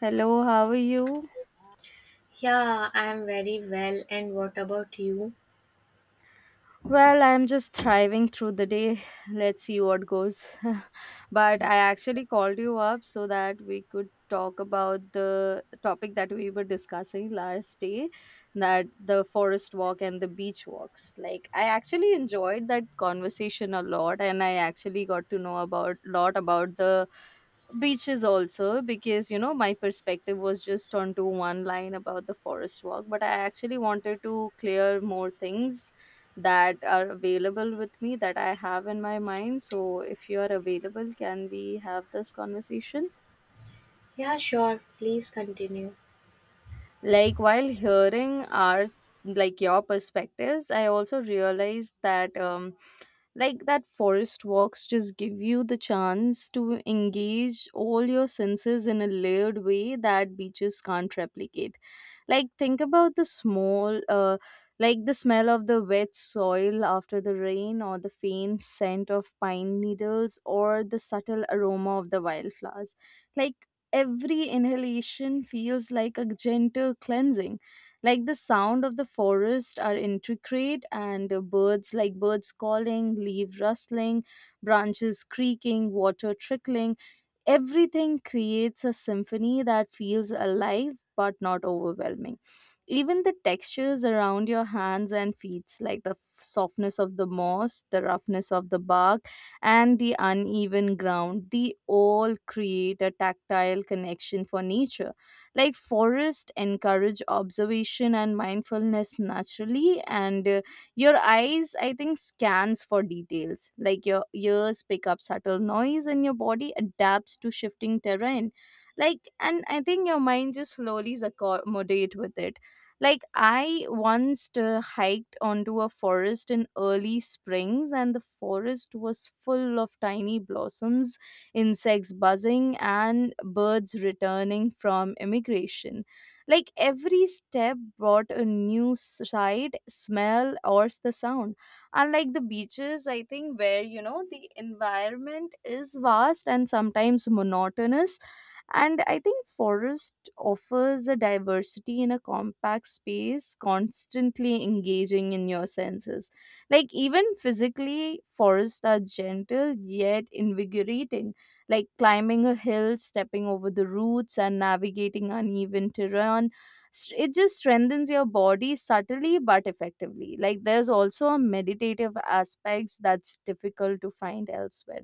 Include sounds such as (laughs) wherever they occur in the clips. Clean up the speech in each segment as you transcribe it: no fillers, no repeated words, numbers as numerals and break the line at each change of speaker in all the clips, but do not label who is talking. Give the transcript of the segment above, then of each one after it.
Hello, how are you?
Yeah, I'm very well. And what about you?
Well, I'm just thriving through the day. (laughs) Let's see what goes. (laughs) But I actually called you up so that we could talk about the topic that we were discussing last day, that the forest walk and the beach walks. Like, I actually enjoyed that conversation a lot, and I actually got to know about lot about the beaches also because you know my perspective was just onto one line about the forest walk, but I actually wanted to clear more things that are available with me that I have in my mind. So, if you are available, can we have this conversation?
Yeah, sure. Please continue.
Like, while hearing our like your perspectives, I also realized that like that forest walks just give you the chance to engage all your senses in a layered way that beaches can't replicate. Like, think about the small like the smell of the wet soil after the rain, or the faint scent of pine needles, or the subtle aroma of the wildflowers. Like every inhalation feels like a gentle cleansing. Like the sound of the forest are intricate, and birds, like birds calling, leaf rustling, branches creaking, water trickling, everything creates a symphony that feels alive but not overwhelming. Even the textures around your hands and feet, like the softness of the moss, the roughness of the bark, and the uneven ground, they all create a tactile connection for nature. Like forests encourage observation and mindfulness naturally, and your eyes, I think, scans for details, like your ears pick up subtle noise and your body adapts to shifting terrain. Like, and I think your mind just slowly accommodate with it. Like I once hiked onto a forest in early springs, and the forest was full of tiny blossoms, insects buzzing and birds returning from immigration. Like every step brought a new sight, smell, or the sound. Unlike the beaches, I think, where you know the environment is vast and sometimes monotonous, and I think forest offers a diversity in a compact space, constantly engaging in your senses. Like even physically, forests are gentle yet invigorating. Like climbing a hill, stepping over the roots, and navigating uneven terrain. It just strengthens your body subtly but effectively. Like there's also a meditative aspects that's difficult to find elsewhere,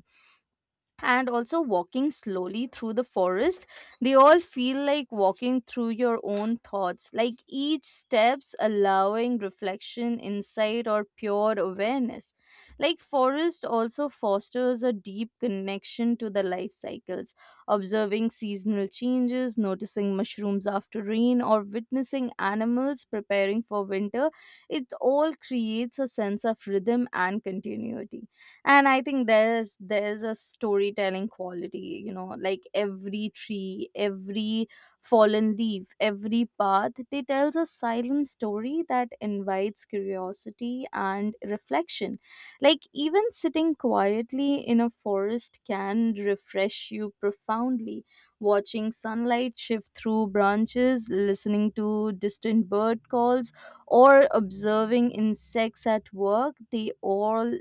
and also walking slowly through the forest, they all feel like walking through your own thoughts, like each steps allowing reflection, insight, or pure awareness. Like forest also fosters a deep connection to the life cycles, observing seasonal changes, noticing mushrooms after rain, or witnessing animals preparing for winter. It all creates a sense of rhythm and continuity. And I think there's a storytelling quality, you know, like every tree, every fallen leaf, every path, they tells a silent story that invites curiosity and reflection. Like even sitting quietly in a forest can refresh you profoundly, watching sunlight shift through branches, listening to distant bird calls, or observing insects at work, they all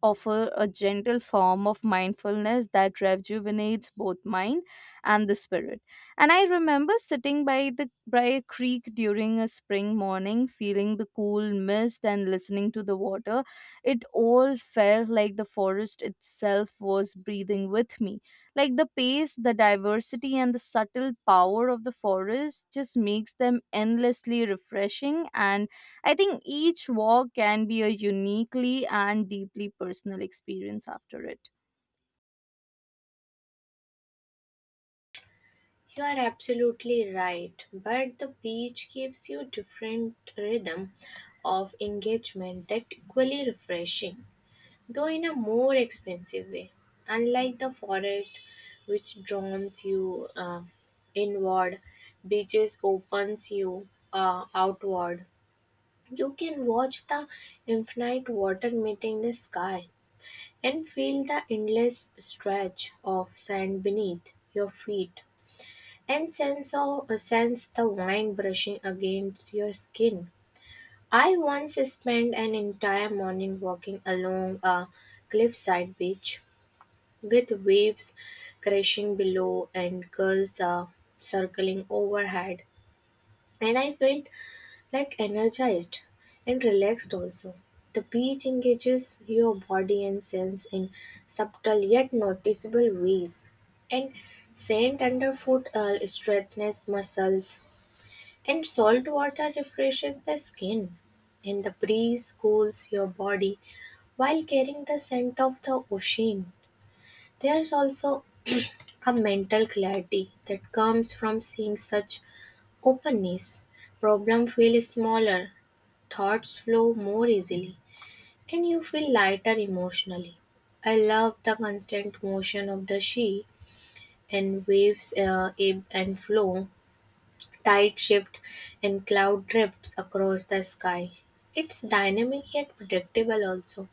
offer a gentle form of mindfulness that rejuvenates both mind and the spirit. And I remember sitting by the by a creek during a spring morning, feeling the cool mist and listening to the water. It all felt like the forest itself was breathing with me. Like the pace, the diversity, and the subtle power of the forest just makes them endlessly refreshing, and I think each walk can be a uniquely and deeply personal experience after it.
You are absolutely right. But the beach gives you different rhythm of engagement that equally refreshing, though in a more expensive way. Unlike the forest, which drowns you inward, beaches opens you outward. You can watch the infinite water meeting the sky, and feel the endless stretch of sand beneath your feet. And sense the wind brushing against your skin. I once spent an entire morning walking along a cliffside beach with waves crashing below and gulls circling overhead. And I felt like energized and relaxed also. The beach engages your body and sense in subtle yet noticeable ways. And sand underfoot strengthens muscles, and salt water refreshes the skin. And the breeze cools your body while carrying the scent of the ocean. There's also a mental clarity that comes from seeing such openness. Problems feel smaller, thoughts flow more easily, and you feel lighter emotionally. I love the constant motion of the sea, and waves ebb and flow, tide shift, and cloud drifts across the sky. It's dynamic yet predictable, also,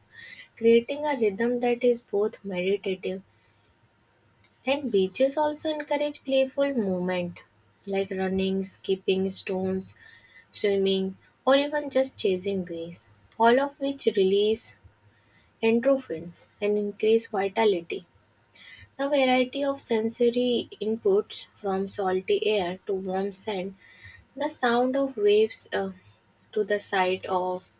creating a rhythm that is both meditative, and beaches also encourage playful movement like running, skipping stones, swimming, or even just chasing breeze, all of which release endorphins and increase vitality. The variety of sensory inputs from salty air to warm sand, the sound of waves to the sight of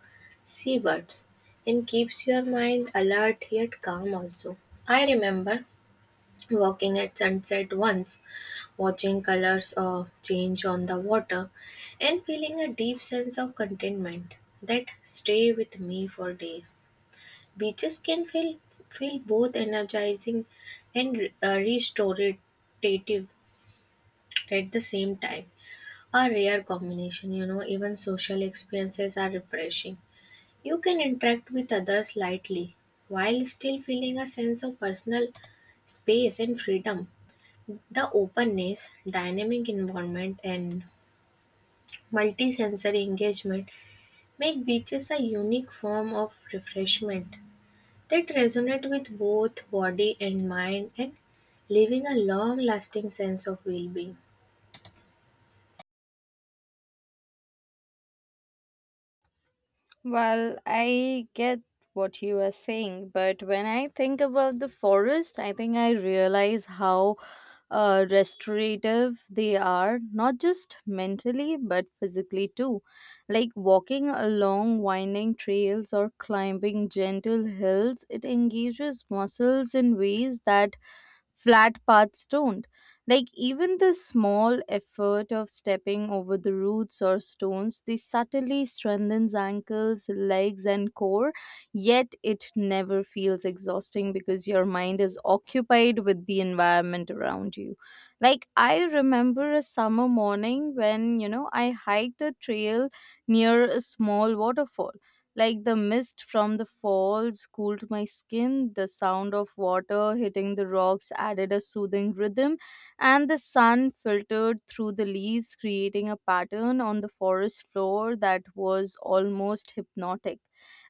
seabirds, and keeps your mind alert yet calm also. I remember walking at sunset once, watching colors change on the water, and feeling a deep sense of contentment that stay with me for days. Beaches can feel both energizing and restorative at the same time. A rare combination, you know. Even social experiences are refreshing. You can interact with others lightly while still feeling a sense of personal space and freedom. The openness, dynamic environment, and multi-sensory engagement make beaches a unique form of refreshment that resonate with both body and mind, and leaving a long-lasting sense of well-being.
Well, I get what you are saying, but when I think about the forest, I think I realize how restorative they are, not just mentally, but physically too. Like walking along winding trails or climbing gentle hills, it engages muscles in ways that flat paths don't. Like even the small effort of stepping over the roots or stones, they subtly strengthens ankles, legs, and core, yet it never feels exhausting because your mind is occupied with the environment around you. Like I remember a summer morning when, you know, I hiked a trail near a small waterfall. Like the mist from the falls cooled my skin, the sound of water hitting the rocks added a soothing rhythm, and the sun filtered through the leaves, creating a pattern on the forest floor that was almost hypnotic.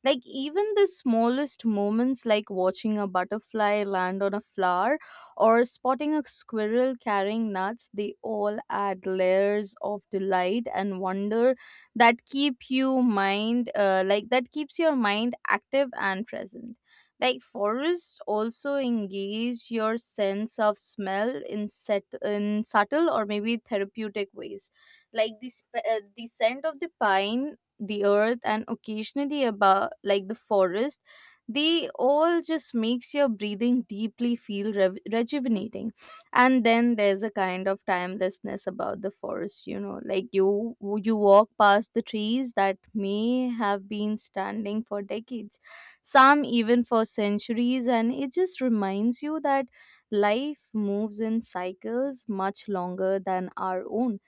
Like, even the smallest moments, like watching a butterfly land on a flower or spotting a squirrel carrying nuts, they all add layers of delight and wonder that keep you mind like that keeps your mind active and present. Like forests also engage your sense of smell in set in subtle or maybe therapeutic ways, like the the scent of the pine, the earth, and occasionally about like the forest, they all just makes your breathing deeply feel rejuvenating. And then there's a kind of timelessness about the forest, you know, like you walk past the trees that may have been standing for decades, some even for centuries, and it just reminds you that life moves in cycles much longer than our own.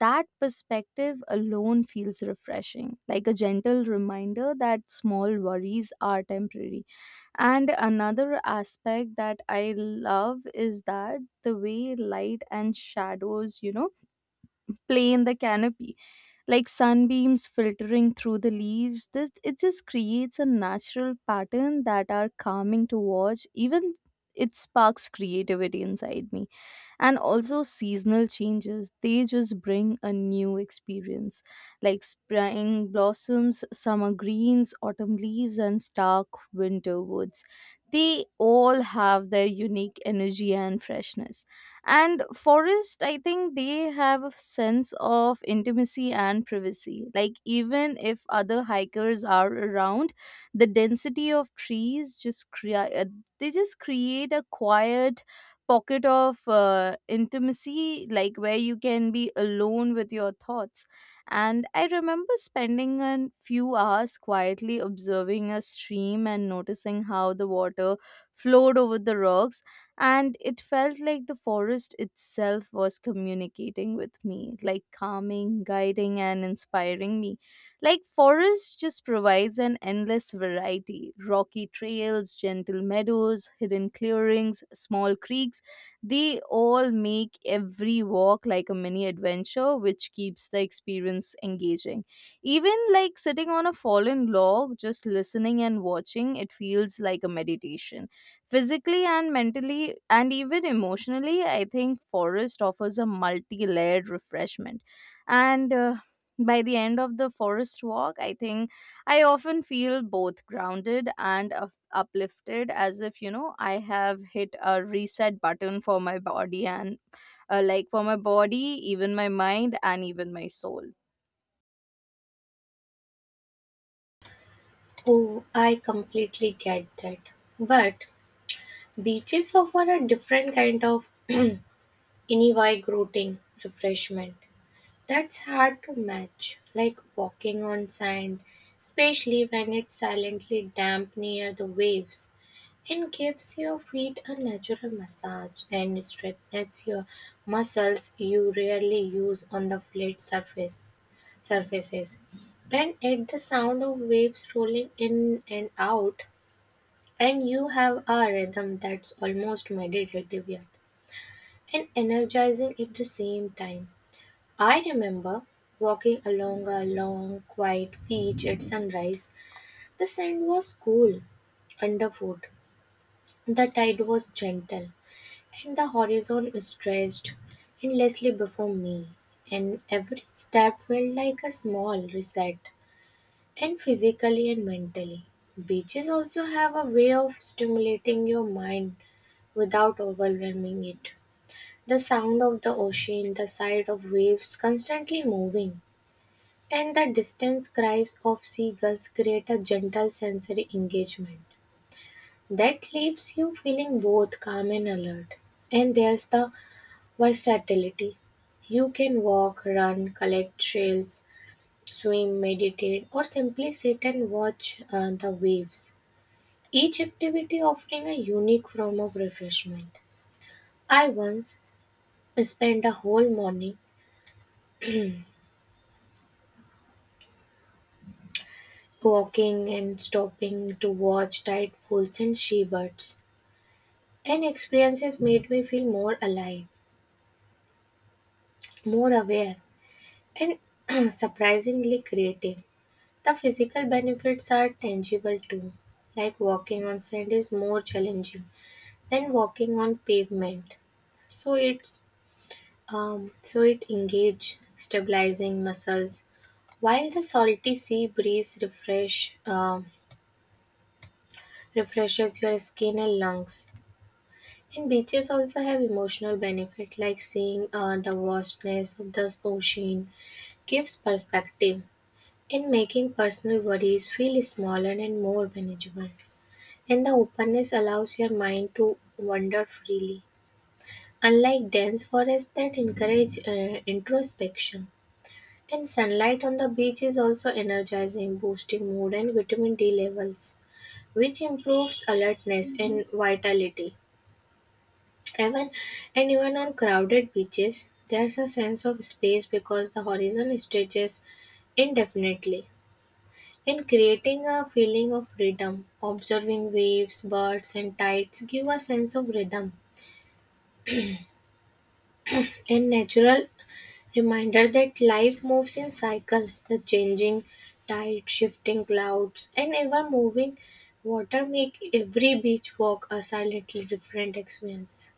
That perspective alone feels refreshing, like a gentle reminder that small worries are temporary. And another aspect that I love is that the way light and shadows, you know, play in the canopy, like sunbeams filtering through the leaves. This it just creates a natural pattern that are calming to watch. Even it sparks creativity inside me. And also seasonal changes, they just bring a new experience, like spring blossoms, summer greens, autumn leaves, and stark winter woods, they all have their unique energy and freshness. And forest, I think, they have a sense of intimacy and privacy, like even if other hikers are around, the density of trees just create they just create a quiet pocket of intimacy, like where you can be alone with your thoughts. And I remember spending a few hours quietly observing a stream and noticing how the water flowed over the rocks. And it felt like the forest itself was communicating with me, like calming, guiding, and inspiring me. Like, forest just provides an endless variety: rocky trails, gentle meadows, hidden clearings, small creeks, they all make every walk like a mini adventure, which keeps the experience engaging. Even like sitting on a fallen log, just listening and watching, it feels like a meditation. Physically and mentally, and even emotionally, I think forest offers a multi layered refreshment. And by the end of the forest walk, I think I often feel both grounded and uplifted, as if, you know, I have hit a reset button for my body and, like, for my body, even my mind, and even my soul.
Oh, I completely get that. But beaches offer a different kind of (clears throat) invigorating refreshment that's hard to match, like walking on sand, especially when it's silently damp near the waves. It gives your feet a natural massage and strengthens your muscles you rarely use on the flat surfaces. And at the sound of waves rolling in and out, and you have a rhythm that's almost meditative yet and energizing at the same time. I remember walking along a long, quiet beach at sunrise. The sand was cool underfoot. The tide was gentle, and the horizon stretched endlessly before me, and every step felt like a small reset, and physically and mentally. Beaches also have a way of stimulating your mind without overwhelming it. The sound of the ocean, the sight of waves constantly moving, and the distant cries of seagulls create a gentle sensory engagement that leaves you feeling both calm and alert. And there's the versatility. You can walk, run, collect shells, swim, meditate, or simply sit and watch the waves. Each activity offering a unique form of refreshment. I once spent a whole morning walking and stopping to watch tide pools and seabirds. And experiences made me feel more alive, more aware, and (clears throat) surprisingly creative. The physical benefits are tangible too, like walking on sand is more challenging than walking on pavement. So it's so it engage stabilizing muscles, while the salty sea breeze refreshes your skin and lungs. And beaches also have emotional benefit, like seeing the vastness of the ocean gives perspective in making personal worries feel smaller and more manageable. And the openness allows your mind to wander freely, unlike dense forests that encourage introspection. And sunlight on the beach is also energizing, boosting mood and vitamin D levels, which improves alertness and vitality. Even and even on crowded beaches, there's a sense of space because the horizon stretches indefinitely, in creating a feeling of freedom. Observing waves, birds and tides give a sense of rhythm, a natural reminder that life moves in cycles. The changing tide, shifting clouds, and ever moving water make every beach walk a silently different experience.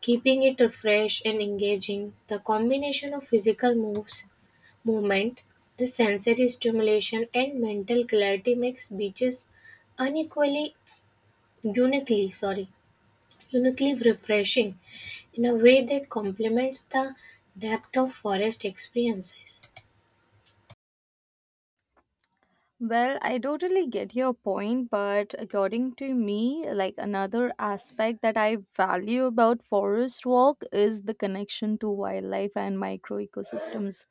Keeping it fresh and engaging, the combination of movement, the sensory stimulation and mental clarity makes beaches unequally uniquely sorry uniquely refreshing in a way that complements the depth of forest experiences.
Well, I totally get your point, but according to me, like another aspect that I value about forest walk is the connection to wildlife and micro ecosystems.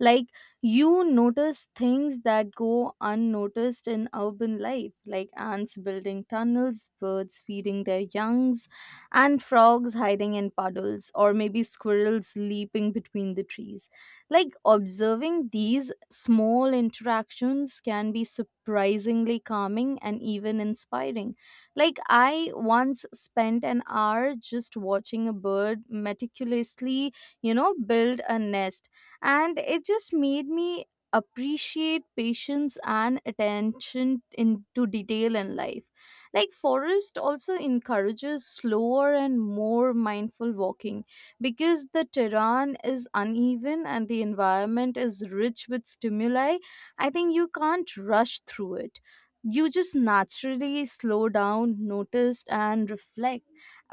Like you notice things that go unnoticed in urban life, like ants building tunnels, birds feeding their youngs, and frogs hiding in puddles, or maybe squirrels leaping between the trees. Like observing these small interactions can be surprisingly calming and even inspiring. Like I once spent an hour just watching a bird meticulously, you know, build a nest, and it just made me appreciate patience and attention into detail in life. Like forest also encourages slower and more mindful walking because the terrain is uneven and the environment is rich with stimuli. I think you can't rush through it, you just naturally slow down, notice, and reflect,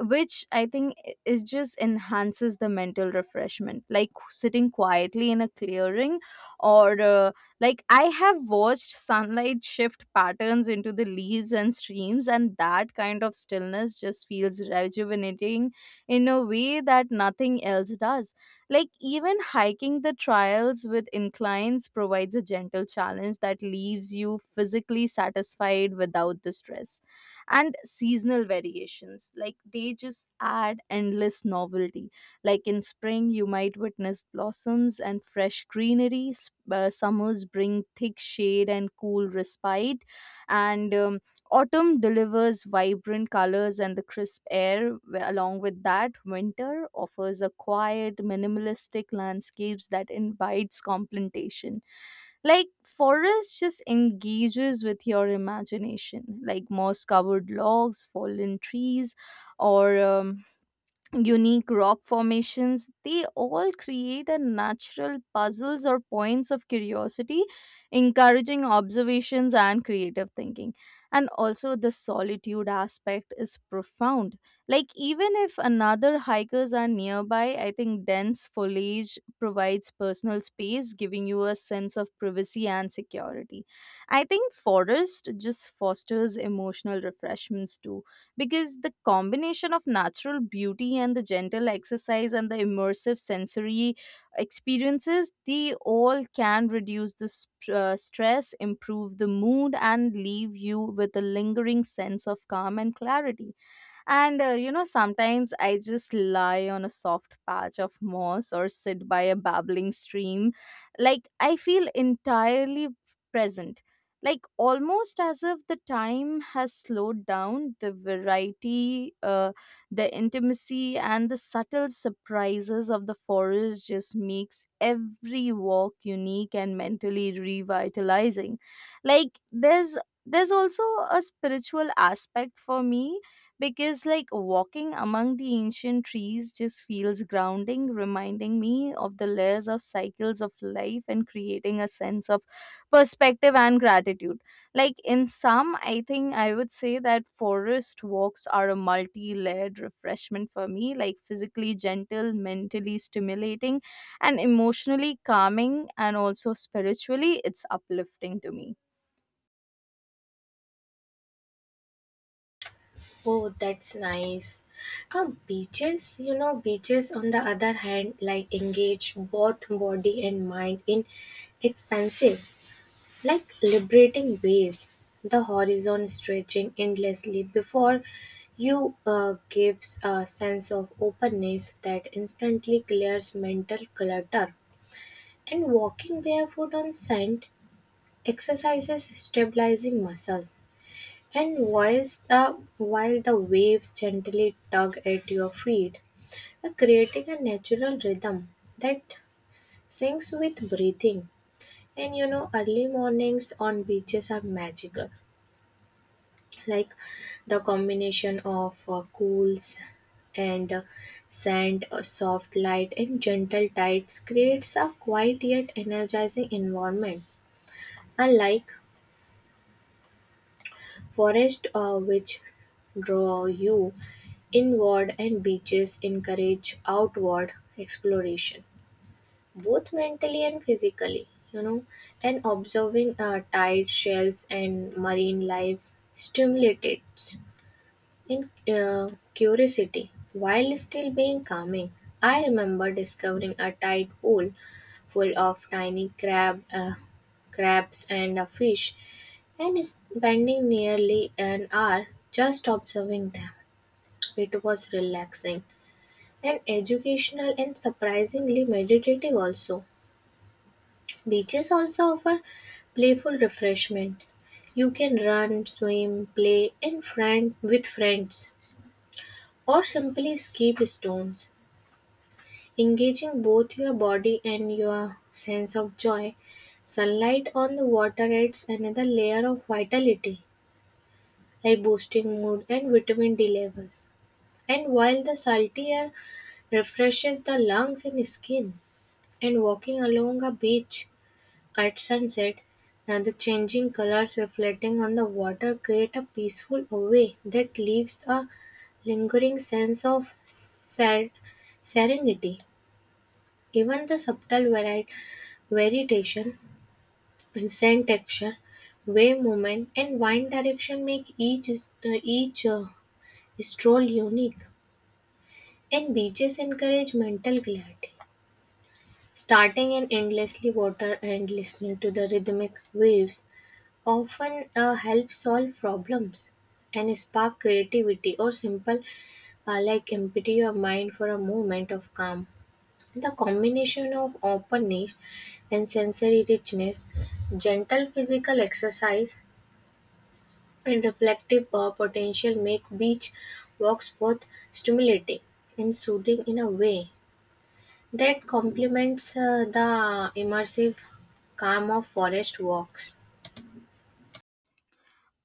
which I think it just enhances the mental refreshment. Like sitting quietly in a clearing, or like I have watched sunlight shift patterns into the leaves and streams, and that kind of stillness just feels rejuvenating in a way that nothing else does. Like, even hiking the trails with inclines provides a gentle challenge that leaves you physically satisfied without the stress. And seasonal variations, like, they just add endless novelty. Like, in spring, you might witness blossoms and fresh greenery, summers bring thick shade and cool respite, and Autumn delivers vibrant colors and the crisp air. Along with that, winter offers a quiet, minimalistic landscapes that invites contemplation. Like forest just engages with your imagination, like moss-covered logs, fallen trees, or unique rock formations, they all create a natural puzzles or points of curiosity, encouraging observations and creative thinking. And also the solitude aspect is profound. Like even if another hikers are nearby, I think dense foliage provides personal space, giving you a sense of privacy and security. I think forest just fosters emotional refreshments too, because the combination of natural beauty and the gentle exercise and the immersive sensory experiences, they all can reduce the stress, improve the mood, and leave you with a lingering sense of calm and clarity. And you know, sometimes I just lie on a soft patch of moss or sit by a babbling stream. Like, I feel entirely present. Like, almost as if the time has slowed down, the variety, the intimacy, and the subtle surprises of the forest just makes every walk unique and mentally revitalizing. Like, there's also a spiritual aspect for me, because like walking among the ancient trees just feels grounding, reminding me of the layers of cycles of life and creating a sense of perspective and gratitude. Like, in sum, I think I would say that forest walks are a multi-layered refreshment for me, like physically gentle, mentally stimulating, and emotionally calming, and also spiritually it's uplifting to me.
Oh, that's nice. Beaches, you know, beaches on the other hand, like engage both body and mind in expansive, like liberating ways. The horizon stretching endlessly before you gives a sense of openness that instantly clears mental clutter. And walking barefoot on sand exercises stabilizing muscles, and while the waves gently tug at your feet, you're creating a natural rhythm that syncs with breathing. And you know, early mornings on beaches are magical, like the combination of cools and sand, soft light, and gentle tides creates a quiet yet energizing environment. Unlike forests which draw you inward, and beaches encourage outward exploration, both mentally and physically, you know, and observing tide shells and marine life stimulates in curiosity while still being calming. I remember discovering a tide pool full of tiny crabs and a fish, and spending nearly an hour just observing them. It was relaxing and educational and surprisingly meditative also. Beaches also offer playful refreshment. You can run, swim, play and friend with friends, or simply skip stones, engaging both your body and your sense of joy. Sunlight on the water adds another layer of vitality, like boosting mood and vitamin D levels. And while the salty air refreshes the lungs and skin, and walking along a beach at sunset and the changing colors reflecting on the water create a peaceful away that leaves a lingering sense of serenity. Even the subtle variation in scent texture, wave movement, and wind direction make each stroll unique, and beaches encourage mental clarity. Starting in endlessly water and listening to the rhythmic waves often help solve problems and spark creativity, or simple like empty your mind for a moment of calm. The combination of openness and sensory richness, gentle physical exercise, and reflective potential make beach walks both stimulating and soothing in a way that complements the immersive calm of forest walks.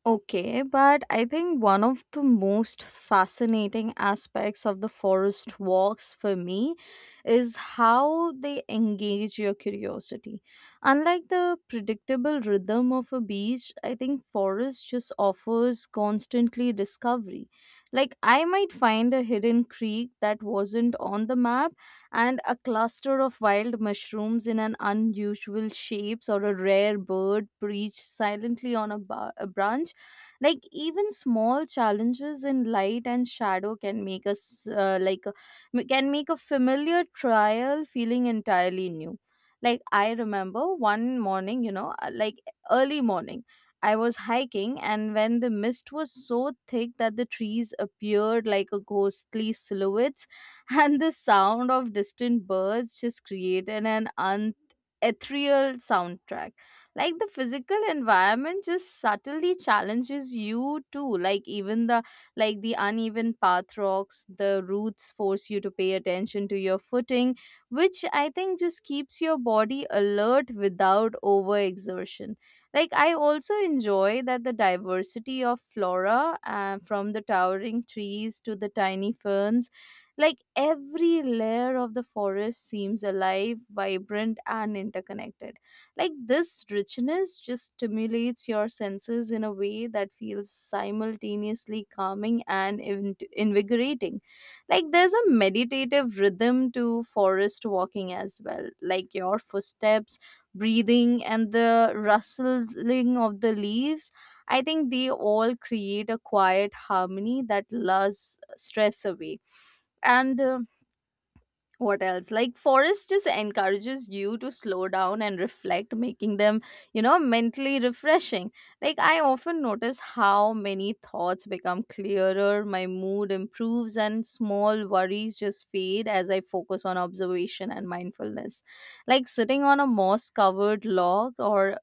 Okay, but I think one of the most fascinating aspects of the forest walks for me is how they engage your curiosity. Unlike the predictable rhythm of a beach, I think forest just offers constantly discovery. Like, I might find a hidden creek that wasn't on the map and a cluster of wild mushrooms in an unusual shapes, or a rare bird perched silently on a, a branch. Like, even small challenges in light and shadow can make us like, can make a familiar trial feeling entirely new. Like, I remember one morning, like, early morning, I was hiking and when the mist was so thick that the trees appeared like a ghostly silhouettes (laughs) and the sound of distant birds just created an ethereal soundtrack. Like, the physical environment just subtly challenges you too, like even the, like the uneven path, rocks, the roots force you to pay attention to your footing, which I think just keeps your body alert without overexertion. Like, I also enjoy that the diversity of flora, from the towering trees to the tiny ferns, like every layer of the forest seems alive, vibrant, and interconnected. Like, this richness just stimulates your senses in a way that feels simultaneously calming and invigorating. Like, there's a meditative rhythm to forest walking as well. Like, your footsteps, breathing, and the rustling of the leaves. I think they all create a quiet harmony that lulls stress away. And What else, like forest just encourages you to slow down and reflect, making them, you know, mentally refreshing. Like, I often notice how many thoughts become clearer, my mood improves, and small worries just fade as I focus on observation and mindfulness. Like, sitting on a moss covered log or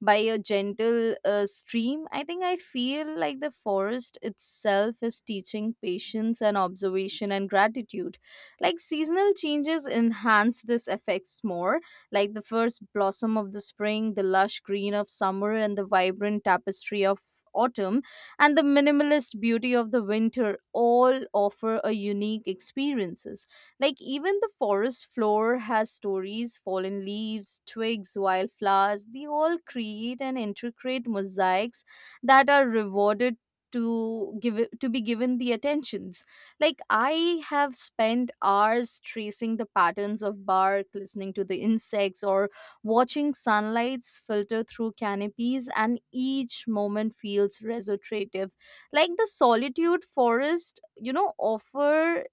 by a gentle stream, I think I feel like the forest itself is teaching patience and observation and gratitude. Like, seasonal changes enhance this effects more, like the first blossom of the spring, the lush green of summer, and the vibrant tapestry of autumn, and the minimalist beauty of the winter all offer a unique experiences. Like, even the forest floor has stories, fallen leaves, twigs, wildflowers. They all create an intricate mosaics that are rewarded to be given the attentions. Like, I have spent hours tracing the patterns of bark, listening to the insects, or watching sunlights filter through canopies, and each moment feels restorative. Like, the solitude forest, you know, offer,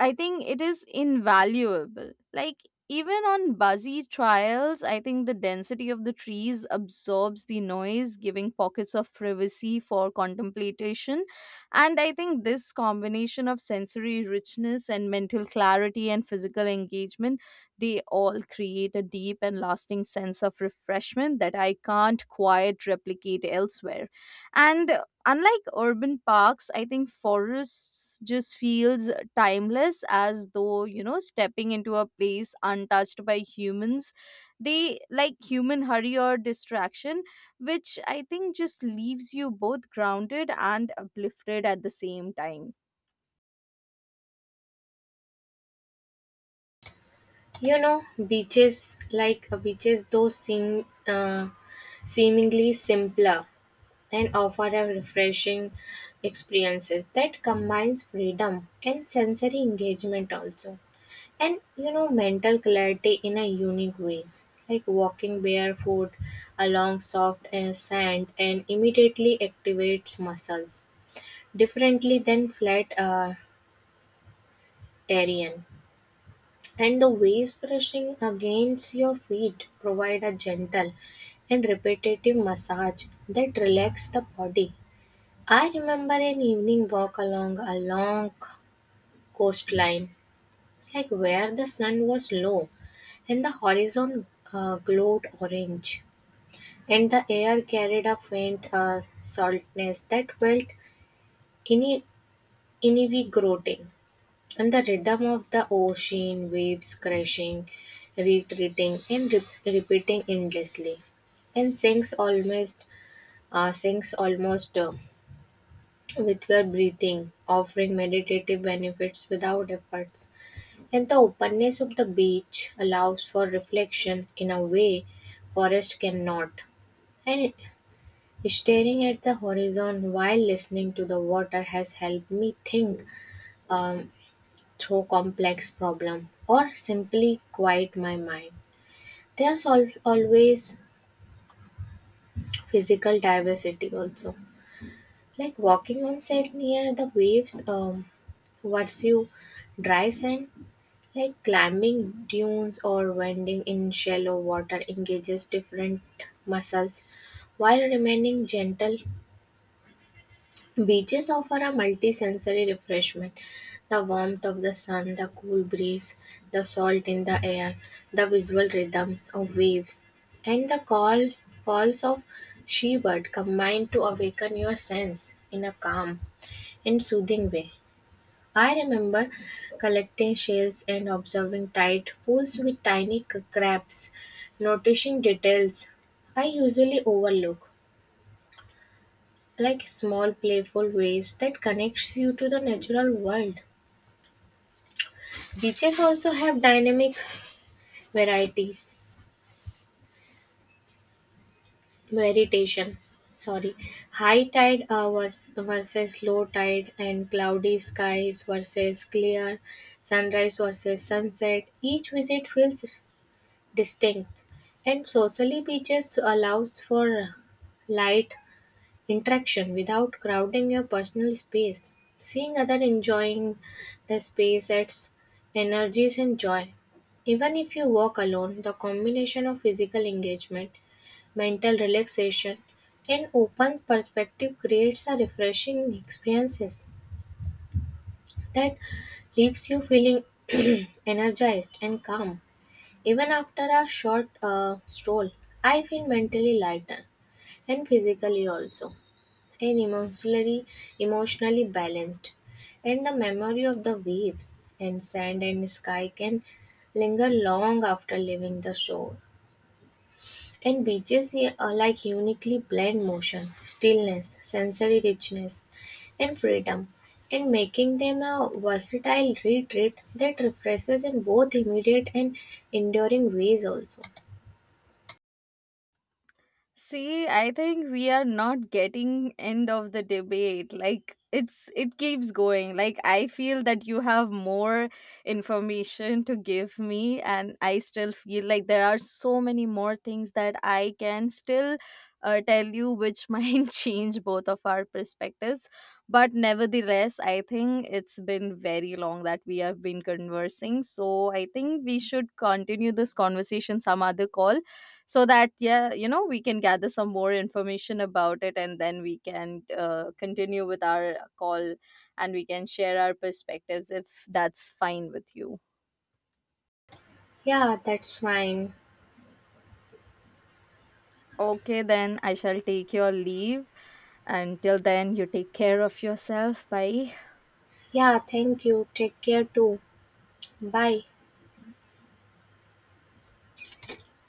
I think it is invaluable. Like, even on busy trails, I think the density of the trees absorbs the noise, giving pockets of privacy for contemplation. And I think this combination of sensory richness and mental clarity and physical engagement, they all create a deep and lasting sense of refreshment that I can't quite replicate elsewhere. And unlike urban parks, I think forests just feels timeless, as though, you know, stepping into a place untouched by humans, they like human hurry or distraction, which I think just leaves you both grounded and uplifted at the same time.
You know, beaches, those seem seemingly simpler, and offer a refreshing experiences that combines freedom and sensory engagement also, and you know mental clarity in a unique ways, like walking barefoot along soft sand and immediately activates muscles differently than flat terrain. And the waves brushing against your feet provide a gentle and repetitive massage that relax the body. I remember an evening walk along a long coastline, like where the sun was low and the horizon glowed orange, and the air carried a faint saltness that felt ini- invigorating. And the rhythm of the ocean, waves crashing, retreating, and repeating endlessly. And sinks almost with your breathing, offering meditative benefits without efforts. And the openness of the beach allows for reflection in a way forest cannot. And staring at the horizon while listening to the water has helped me think. Um, Through complex problem or simply quiet my mind, there's always physical diversity also, like walking on sand near the waves, what's you dry sand, like climbing dunes or wading in shallow water engages different muscles while remaining gentle. Beaches offer a multi-sensory refreshment. The warmth of the sun, the cool breeze, the salt in the air, the visual rhythms of waves, and the calls of seabird combine to awaken your sense in a calm and soothing way. I remember collecting shells and observing tide pools with tiny crabs, noticing details I usually overlook, like small playful ways that connects you to the natural world. Beaches also have dynamic varieties variation, sorry, high tide hours versus low tide, and cloudy skies versus clear, sunrise versus sunset, each visit feels distinct. And socially, beaches allows for light interaction without crowding your personal space. Seeing others enjoying the space adds energies and joy. Even if you walk alone, the combination of physical engagement, mental relaxation, and open perspective creates a refreshing experiences that leaves you feeling (clears throat) energized and calm. Even after a short stroll, I feel mentally lighter, and physically also, and emotionally balanced, and the memory of the waves and sand and sky can linger long after leaving the shore. And beaches, yeah, are like uniquely blend motion, stillness, sensory richness, and freedom, and making them a versatile retreat that refreshes in both immediate and enduring ways also.
See, I think we are not getting end of the debate. Like, it keeps going. Like, I feel that you have more information to give me, and I still feel like there are so many more things that I can still tell you which (laughs) might change both of our perspectives. But nevertheless, I think it's been very long that we have been conversing. So I think we should continue this conversation some other call, so that, yeah, you know, we can gather some more information about it, and then we can continue with our call, and we can share our perspectives if that's fine with you.
Yeah, that's fine.
Okay, then I shall take your leave. Until then, you take care of yourself. Bye.
Yeah, thank you, take care too. Bye.